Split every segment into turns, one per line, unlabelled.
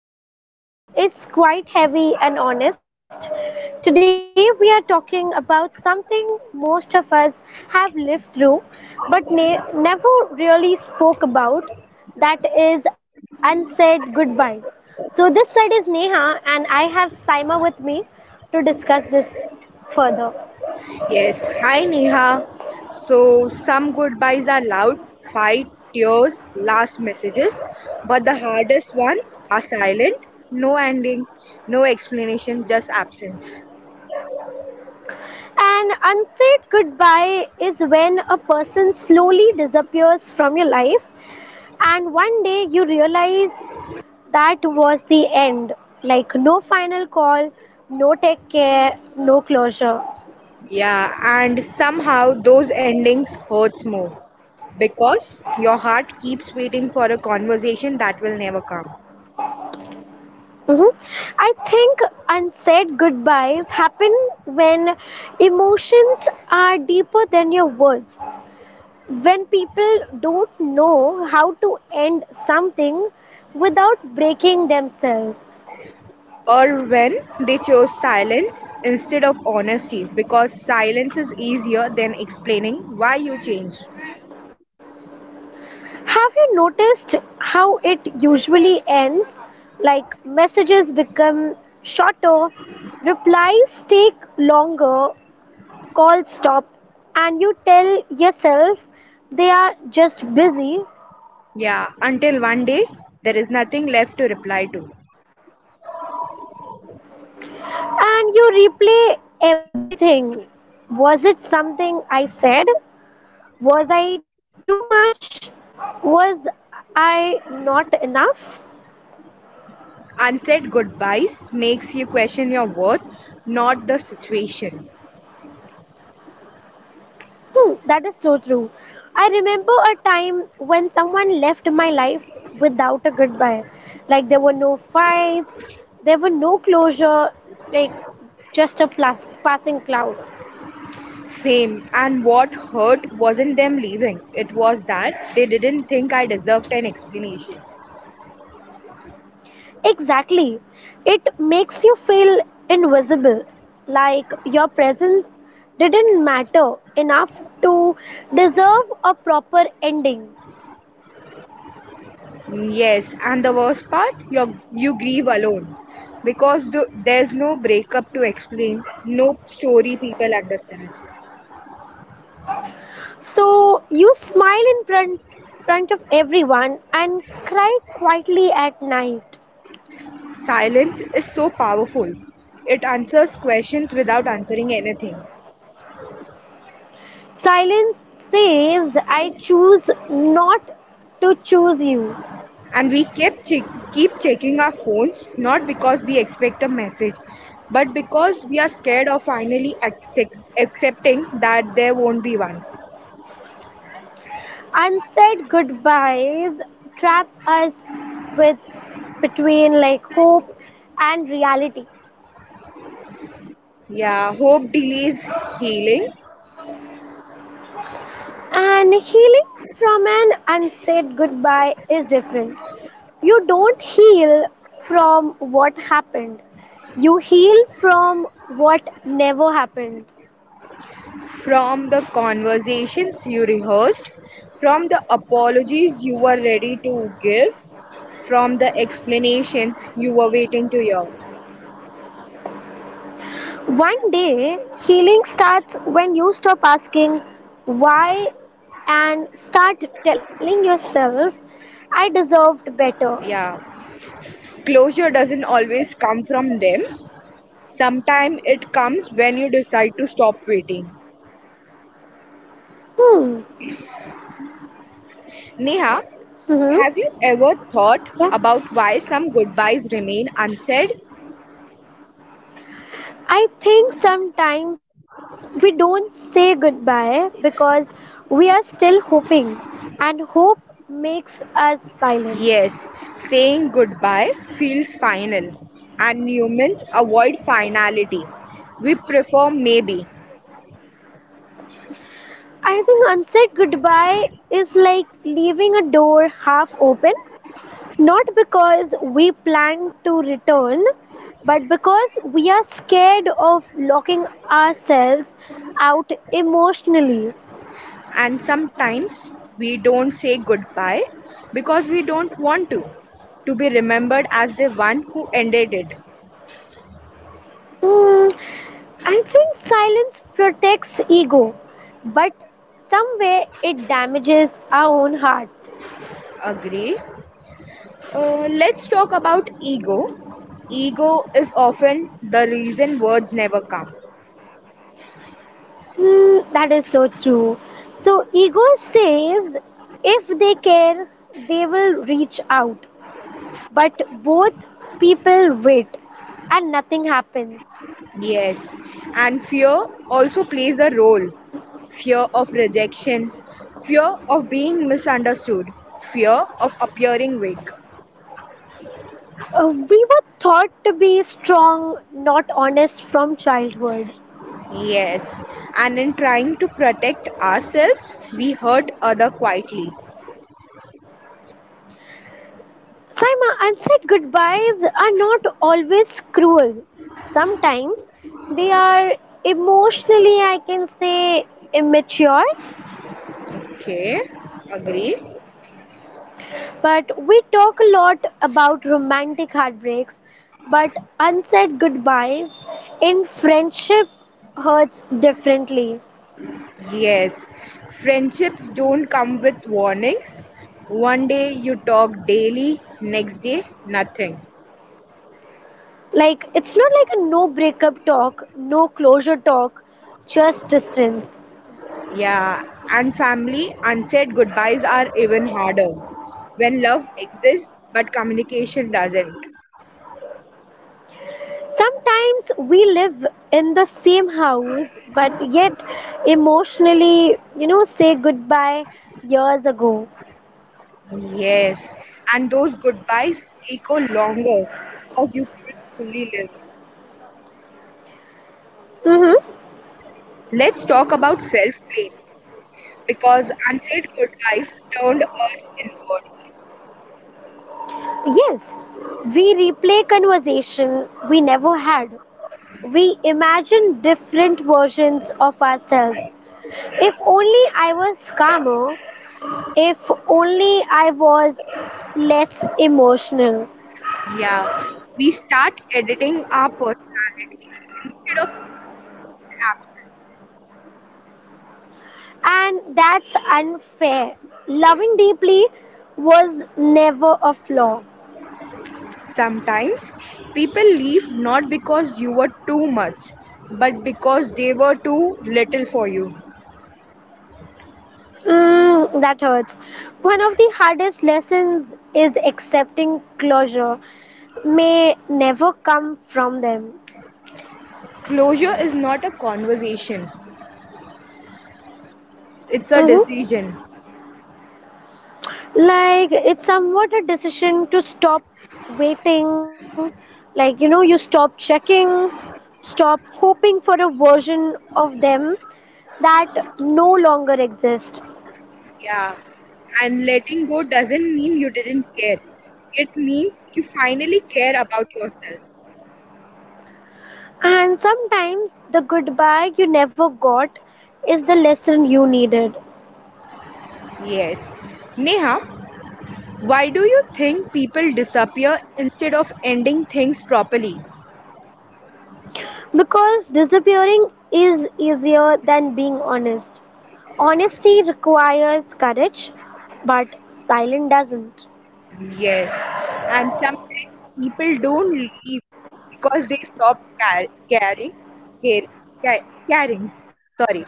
And tonight's episode is quite heavy and honest. Today, we are talking about something most of us have lived through but never really spoke about that is unsaid goodbye. So, this side is Neha, and I have Saima with me to discuss this further.
Yes, hi Neha. So, some goodbyes are loud, fight, tears, last messages, but the hardest ones are silent, no ending, no explanation, just absence.
An unsaid goodbye is when a person slowly disappears from your life. And one day you realize that was the end. Like no final call, no take care, no closure.
Yeah, and somehow those endings hurts more because your heart keeps waiting for a conversation that will never come.
Mhm. I think unsaid goodbyes happen when emotions are deeper than your words. When people don't know how to end something without breaking themselves.
Or when they chose silence instead of honesty because silence is easier than explaining why you changed.
Have you noticed how it usually ends? Like messages become shorter, replies take longer, calls stop, and you tell yourself they are just busy
Yeah, until one day there is nothing left to reply to.
and you replay everything. Was it something I said? Was I too much? Was I not enough?
Unsaid goodbyes makes you question your worth, not the situation.
Hmm, that is so true. I remember a time when someone left my life without a goodbye. Like there were no fights, there were no closure, like just a plus, passing cloud.
Same, and what hurt wasn't them leaving, it was that they didn't think I deserved an explanation.
Exactly. It makes you feel invisible, like your presence didn't matter enough to deserve a proper ending.
Yes, and the worst part, you grieve alone because there's no breakup to explain, no story people understand.
So you smile in front of everyone and cry quietly at night.
Silence is so powerful. It answers questions without answering anything.
Silence says, I choose not to choose you.
And we keep keep checking our phones not because we expect a message but because we are scared of finally accepting that there won't be one.
Unsaid goodbyes trap us with between like hope and reality.
Yeah, hope delays healing,
And healing from an unsaid goodbye is different. You don't heal from what happened. You heal from what never happened.
from the conversations you rehearsed, from the apologies you were ready to give, from the explanations you were waiting to hear.
One day, healing starts when you stop asking why and start telling yourself, I deserved better.
Yeah, closure doesn't always come from them. Sometimes it comes when you decide to stop waiting.
Hmm.
Neha,
Hmm.
have you ever thought
Yeah.
about why some goodbyes remain unsaid?
I think sometimes we don't say goodbye because we are still hoping, and hope makes us silent.
Yes, saying goodbye feels final, and humans avoid finality. We prefer maybe,
I think unsaid goodbye is like leaving a door half open, not because we plan to return, but because we are scared of locking ourselves out emotionally.
and sometimes we don't say goodbye because we don't want to. To be remembered as the one who ended it.
Hmm, I think silence protects ego, but somewhere it damages our own heart.
Agree. Let's talk about ego. Ego is often the reason words never come.
Hmm, that is so true. So, ego says if they care, they will reach out. But both people wait and nothing happens.
Yes, and fear also plays a role. Fear of rejection, fear of being misunderstood, fear of appearing weak.
We were thought to be strong, not honest from childhood.
Yes, and in trying to protect ourselves, we hurt other quietly.
Saima, unsaid goodbyes are not always cruel. Sometimes they are emotionally, I can say, immature.
Okay, agree?
But we talk a lot about romantic heartbreaks, but unsaid goodbyes in friendship hurts differently.
Yes, friendships don't come with warnings. One day you talk daily, next day nothing.
Like, it's not like a no breakup talk, no closure talk, just distance.
Yeah, and family, unsaid goodbyes are even harder when love exists but communication doesn't.
Sometimes we live in the same house, but yet emotionally, you know, say goodbye years ago.
Yes, and those goodbyes echo longer because you can't fully live.
Mm-hmm.
Let's talk about self blame because unsaid goodbyes turned us inward.
Yes, we replay conversation we never had. We imagine different versions of ourselves. If only I was calmer, if only I was less emotional.
Yeah, we start editing our personality instead of questioning their absence.
And that's unfair. Loving deeply was never a flaw.
Sometimes people leave not because you were too much, but because they were too little for you.
Mm, that hurts. One of the hardest lessons is accepting closure may never come from them.
Closure is not a conversation, it's a
Mm-hmm.
decision.
Like, it's somewhat a decision to stop waiting. Like, you know, you stop checking, stop hoping for a version of them that no longer exists.
Yeah, and letting go doesn't mean you didn't care, it means you finally care about yourself.
And sometimes the goodbye you never got is the lesson you needed.
Yes. Neha, why do you think people disappear instead of ending things properly?
Because disappearing is easier than being honest. Honesty requires courage, but silence doesn't.
Yes, and sometimes people don't leave because they stopped care, caring. Sorry,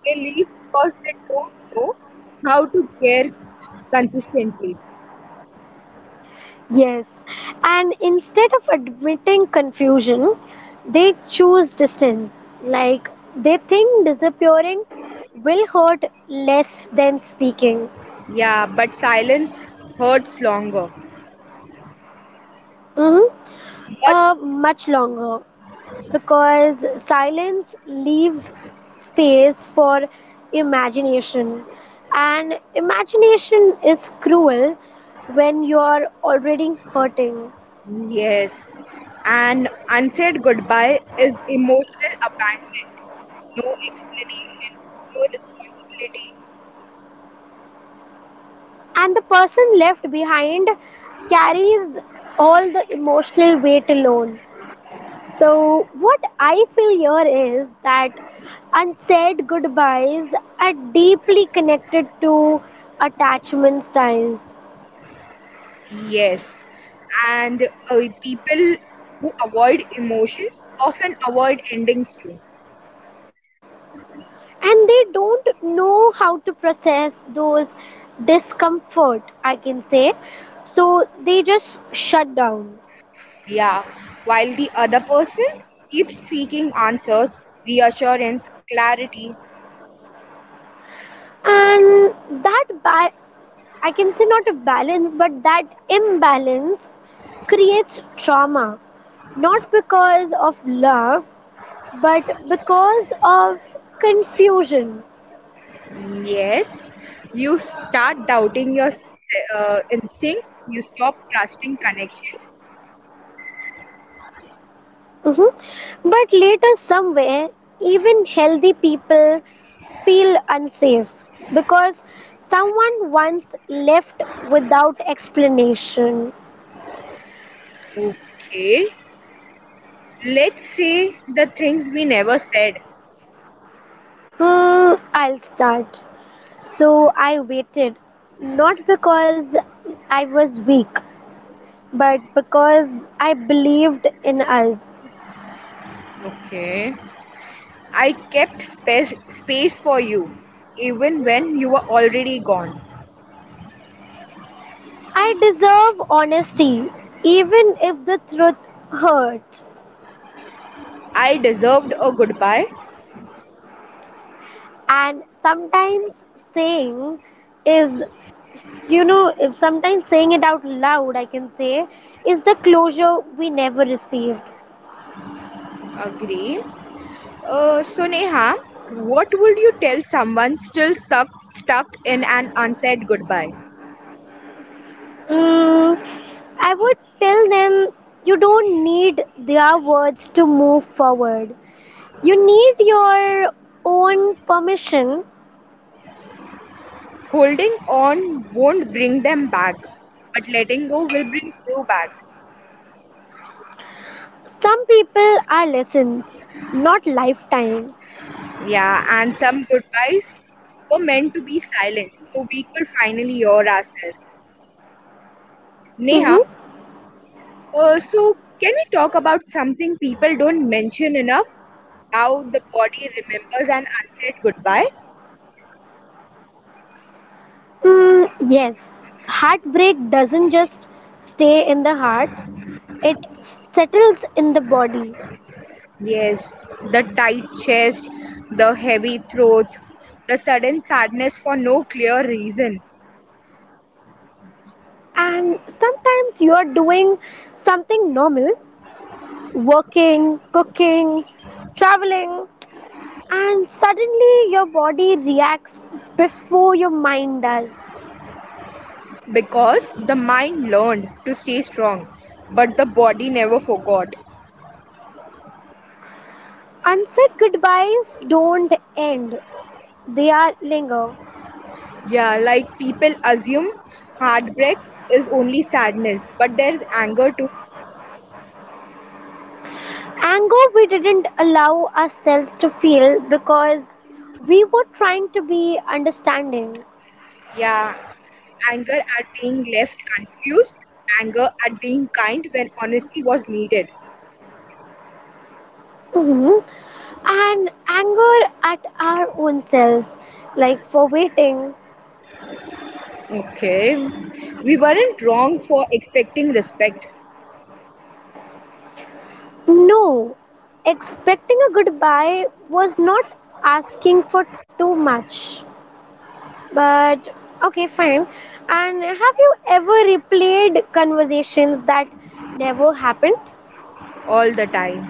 they leave because they don't know how to care consistently.
Yes, and instead of admitting confusion, they choose distance. Like they think disappearing will hurt less than speaking.
Yeah, but silence hurts longer.
hmm
Much,
Uh, Much longer. Because silence leaves space for imagination and imagination is cruel when you're already hurting
yes, and unsaid goodbye is emotional abandonment. No explanation, no responsibility.
and the person left behind carries all the emotional weight alone. So what I feel here is that unsaid goodbyes are deeply connected to attachment styles
Yes, and people who avoid emotions often avoid endings too.
and they don't know how to process those discomfort I can say, so they just shut down.
Yeah, while the other person keeps seeking answers, reassurance, clarity.
And that I can say not a balance but that imbalance creates trauma, not because of love but because of confusion.
Yes, you start doubting your instincts, you stop trusting connections.
Mhm. But later, somewhere, even healthy people feel unsafe because someone once left without explanation.
Okay, let's say the things we never said.
Hmm, I'll start. So I waited, not because I was weak, but because I believed in us.
Okay. I kept space for you, even when you were already gone.
I deserve honesty, even if the truth hurts.
I deserved a goodbye.
And sometimes saying is, you know, if sometimes saying it out loud I can say is the closure we never received.
Agree. So, Neha, what would you tell someone still stuck in an unsaid goodbye?
Mm, I would tell them you don't need their words to move forward, you need your own permission.
Holding on won't bring them back, but letting go will bring you back.
Some people are lessons, not lifetimes.
Yeah, and some goodbyes were meant to be silent so we could finally hear ourselves. Neha,
Mm-hmm.
Can we talk about something people don't mention enough? How the body remembers an unsaid goodbye?
Mm, yes, heartbreak doesn't just stay in the heart, it settles in the body.
Yes, the tight chest, the heavy throat, the sudden sadness for no clear reason.
And sometimes you are doing something normal, working, cooking, traveling, and suddenly your body reacts before your mind does.
Because the mind learned to stay strong, but the body never forgot.
Unsaid goodbyes don't end, they are linger.
Yeah, like people assume heartbreak is only sadness, but there's anger too.
Anger we didn't allow ourselves to feel because we were trying to be understanding.
Yeah, anger at being left confused, anger at being kind when honesty was needed.
Mhm. And anger at our own selves, like for waiting.
Okay, we weren't wrong for expecting respect
No, expecting a goodbye was not asking for too much. But okay, fine. And have you ever replayed conversations that never happened?
all the time.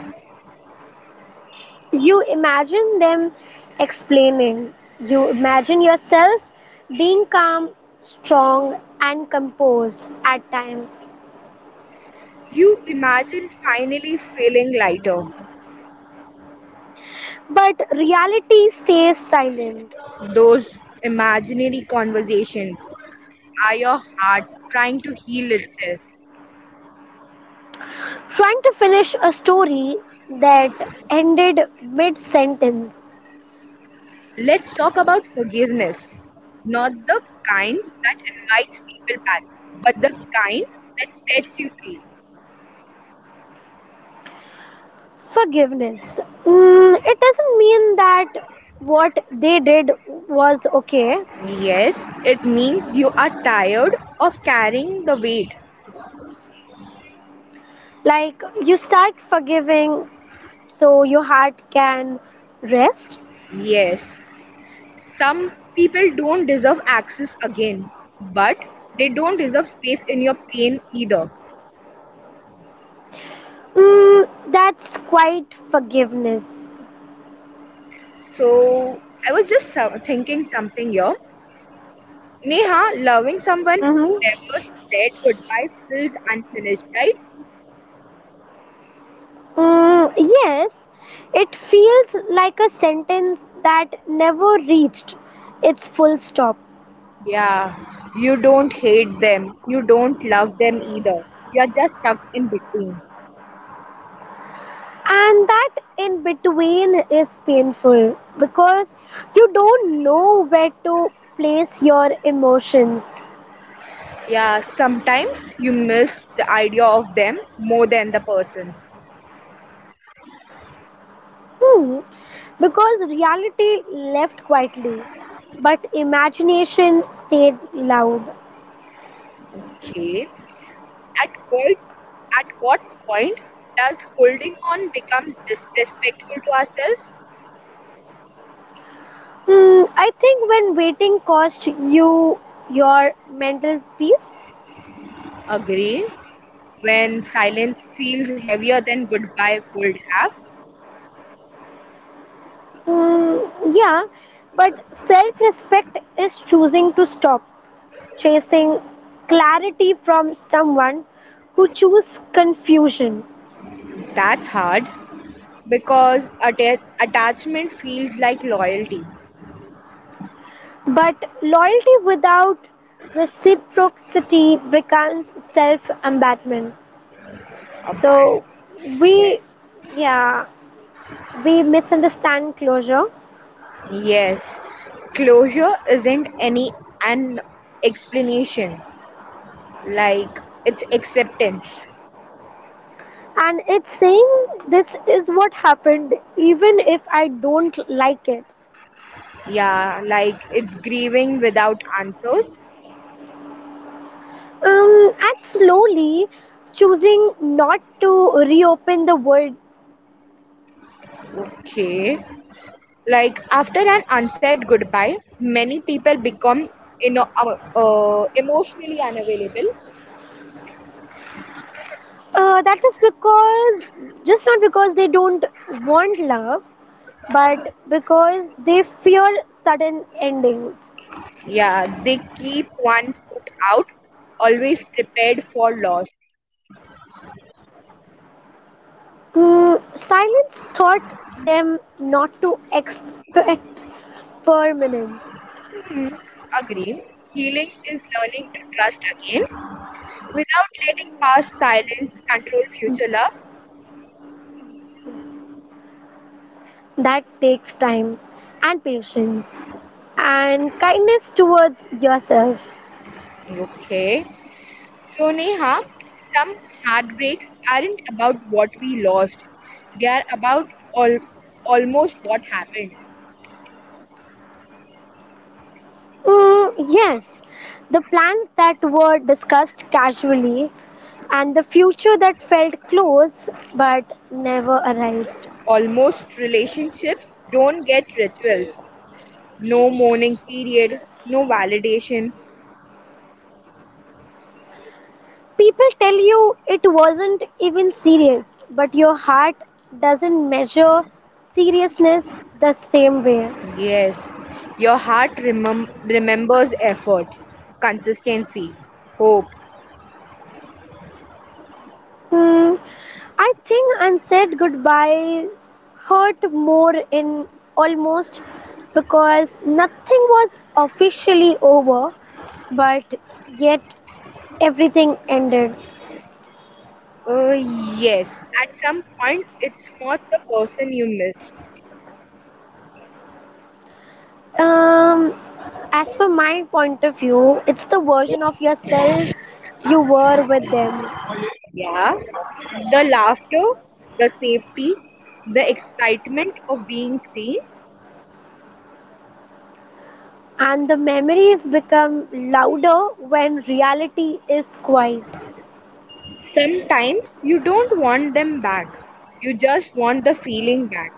You imagine them explaining. You imagine yourself being calm, strong, and composed at times.
You imagine finally feeling lighter.
But reality stays silent.
Those imaginary conversations are your heart trying to heal itself.
Trying to finish a story that ended mid sentence.
Let's talk about forgiveness. Not the kind that invites people back, but the kind that sets you free.
Forgiveness. Mm, it doesn't mean that what they did was okay.
Yes, it means you are tired of carrying the weight.
Like you start forgiving so your heart can rest.
Yes, some people don't deserve access again, but they don't deserve space in your pain either.
Mm, that's quite forgiveness.
So, I was just thinking something here. Neha, loving someone who
Mm-hmm.
never said goodbye feels unfinished, right?
Mm, yes, it feels like a sentence that never reached its full stop.
Yeah, you don't hate them, you don't love them either. You are just stuck in between.
And that in between is painful because you don't know where to place your emotions.
Yeah, sometimes you miss the idea of them more than the person.
Hmm. Because reality left quietly, but imagination stayed loud.
Okay. At what at what point does holding on becomes disrespectful to ourselves?
Hmm. I think when waiting cost you your mental peace,
Agree. When silence feels heavier than goodbye would have.
mm, yeah, but self respect is choosing to stop chasing clarity from someone who chooses confusion.
That's hard because attachment feels like loyalty.
But loyalty without reciprocity becomes self embatment.
A,
So we,
yeah.
yeah, we misunderstand closure.
Yes. Closure isn't any an explanation, like it's acceptance.
And it's saying this is what happened, even if I don't like it.
Yeah, like it's grieving without answers.
And slowly choosing not to reopen the world.
Okay, like after an unsaid goodbye many people become, you know, emotionally unavailable.
That is because, just not because they don't want love, but because they fear sudden endings.
Yeah, they keep one foot out, always prepared for loss.
Mm, silence taught them not to expect permanence.
Hmm, agree. Healing is learning to trust again without letting past silence control future love.
That takes time and patience and kindness towards yourself.
Okay. So, Neha, some heartbreaks aren't about what we lost, they are about almost what happened.
Mm, yes, the plans that were discussed casually and the future that felt close but never arrived.
Almost relationships don't get rituals, no mourning period, no validation.
People tell you it wasn't even serious, but your heart doesn't measure seriousness the same way.
Yes, your heart remembers effort, consistency, hope.
Hmm, I think and said goodbye hurt more in almost because nothing was officially over, but yet everything ended.
Uh, yes, at some point, it's not the person you miss.
Um, as for my point of view, it's the version of yourself you were with them,
Yeah, the laughter, the safety, the excitement of being seen.
and the memories become louder when reality is quiet.
Sometimes you don't want them back, you just want the feeling back.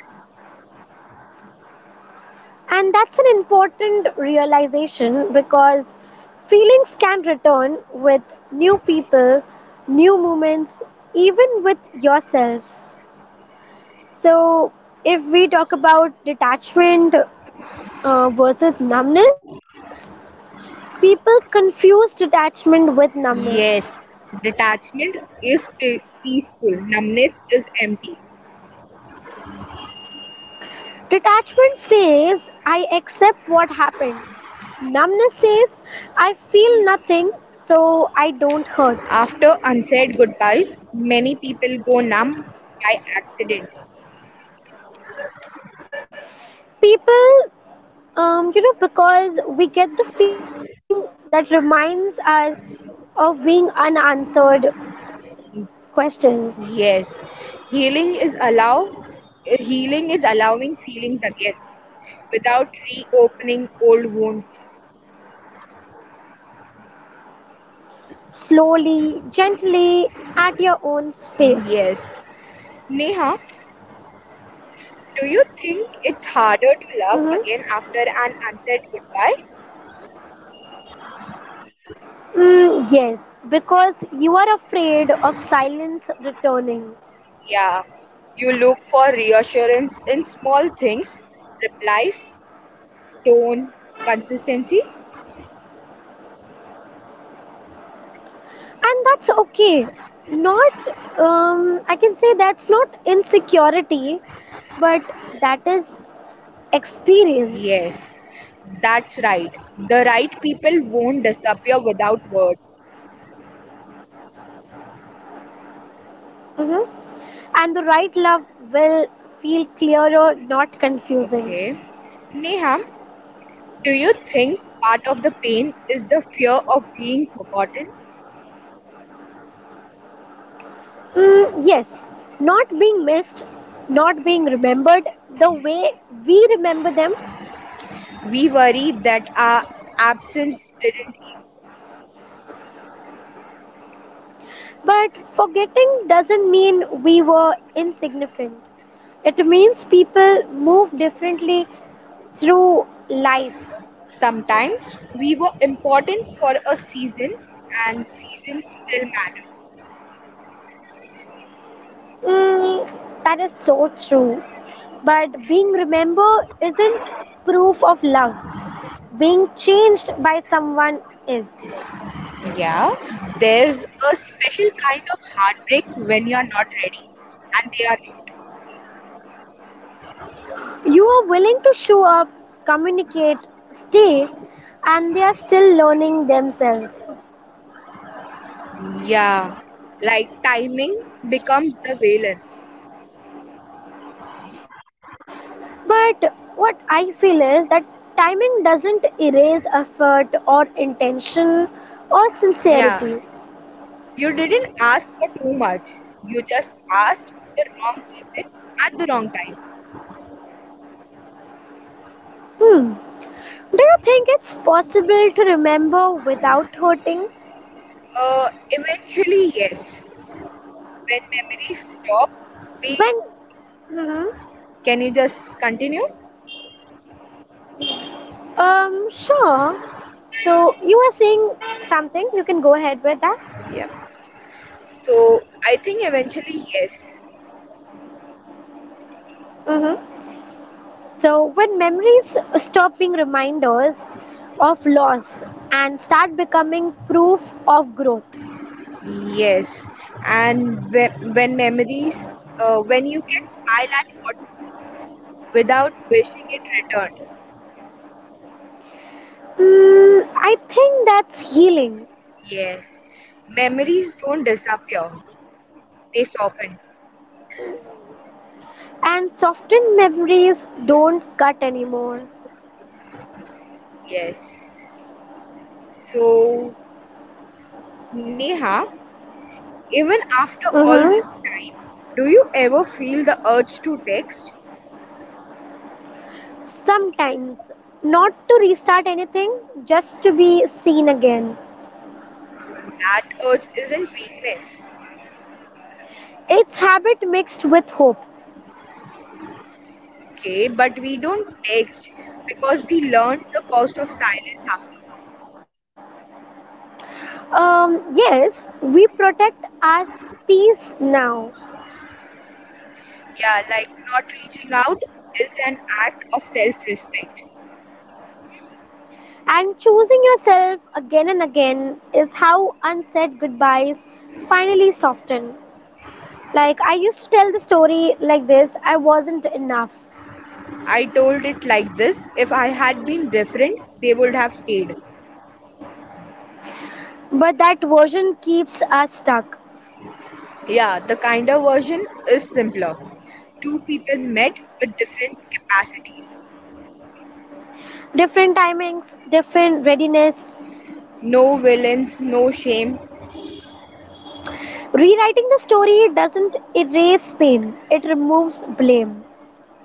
And that's an important realization because feelings can return with new people, new moments, even with yourself. So, if we talk about detachment versus numbness, people confuse detachment with numbness.
Yes, detachment is peaceful, numbness is empty.
Detachment says, I accept what happened. Numbness says, I feel nothing, so I don't hurt.
After unsaid goodbyes, many people go numb by accident.
People, um, you know, because we get the feeling that reminds us of being unanswered questions
Yes, healing is allow healing is allowing feelings again without reopening old wounds.
slowly, gently, at your own space.
Yes. Neha, do you think it's harder to love
Hmm.
again after an unsaid goodbye?
Mm, yes, because you are afraid of silence returning,
Yeah. You look for reassurance in small things, replies, tone, consistency.
and that's okay. Not, I can say that's not insecurity, but that is experience.
Yes. That's right. The right people won't disappear without words.
Mhm. And the right love will feel clearer, not confusing.
Okay. Neha, do you think part of the pain is the fear of being forgotten?
Mm, yes, not being missed, not being remembered the way we remember them.
We worry that our absence didn't echo.
But forgetting doesn't mean we were insignificant. It means people move differently through life.
Sometimes we were important for a season, and seasons still matter.
Mm, that is so true. But being remembered isn't proof of love. Being changed by someone is.
Yeah, there's a special kind of heartbreak when you're not ready and they are not.
You are willing to show up, communicate, stay, and they are still learning themselves.
Yeah, like timing becomes the villain.
But what I feel is that timing doesn't erase effort or intention or
Yeah,
sincerity.
you didn't ask for too much. You just asked the wrong person at the wrong time.
Hmm. Do you think it's possible to remember without hurting?
Eventually, yes. When memories stop, we,
When? Hmm.
can you just continue?
Sure. So you are saying something, you can go ahead with that.
Yeah. So I think eventually yes,
Mm-hmm. So, when memories stop being reminders of loss and start becoming proof of growth,
yes. And when memories, when you can smile at what was without wishing it returned.
mm, I think that's healing.
Yes, memories don't disappear; they soften.
And softened memories don't cut anymore.
Yes. So Neha, even after all
Hmm.
this time, do you ever feel the urge to text?
Sometimes, not to restart anything, just to be seen again.
That urge isn't weakness.
It's habit mixed with hope.
Okay, but we don't text because we learned the cost of silence afterward.
Yes, we protect our peace now.
Yeah, like not reaching out is an act of self respect.
And choosing yourself again and again is how unsaid goodbyes finally soften. Like, I used to tell the story like this I wasn't enough.
I told it like this, if I had been different, they would have stayed.
But that version keeps us stuck.
Yeah, the kinder version is simpler. Two people met with different capacities.
Different timings, different readiness.
No villains, no shame.
Rewriting the story doesn't erase pain, it removes blame.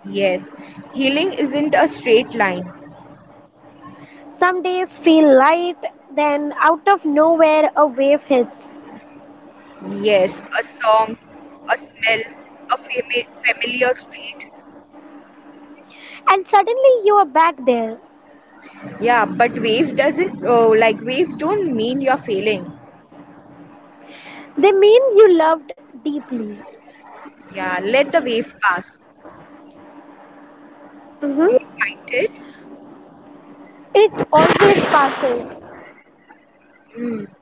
Yes, healing isn't a straight line.
Some days feel light, then out of nowhere a wave hits,
Yes, a song, a smell, a familiar street.
and suddenly you are back there.
Yeah, but waves doesn't oh, like waves don't mean you're failing.
They mean you loved deeply,
Yeah, let the wave pass.
hmm.
Don't fight it.
It always passes.
Mm.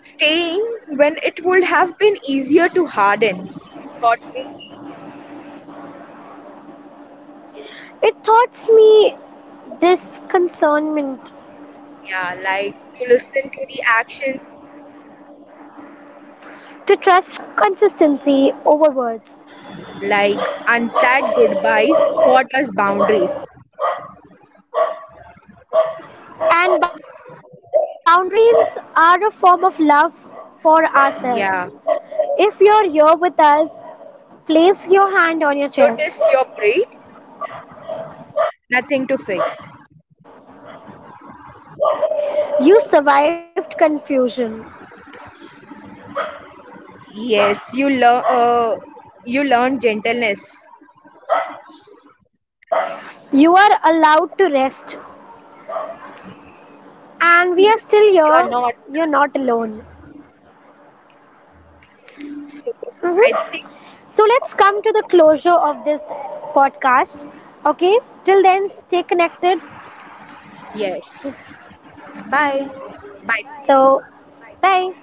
Staying when it would have been easier to harden taught me patience.
It taught me disconcernment,
Yeah, like to listen to the actions,
to trust consistency over words.
like unsaid goodbyes taught us boundaries.
And boundaries are a form of love for ourselves.
Yeah,
If you're here with us, place your hand on your
notice
chest.
your breath, nothing to fix.
You survived confusion.
Yes, you learn gentleness.
You are allowed to rest.
Yes,
And
you
we are still
learn. You are
here.
not
You're
done.
not alone.
So
Mhm.
I think
So let's come to the closure of this podcast. Okay, till then, stay connected.
yes. Bye. Bye for now.
So, bye.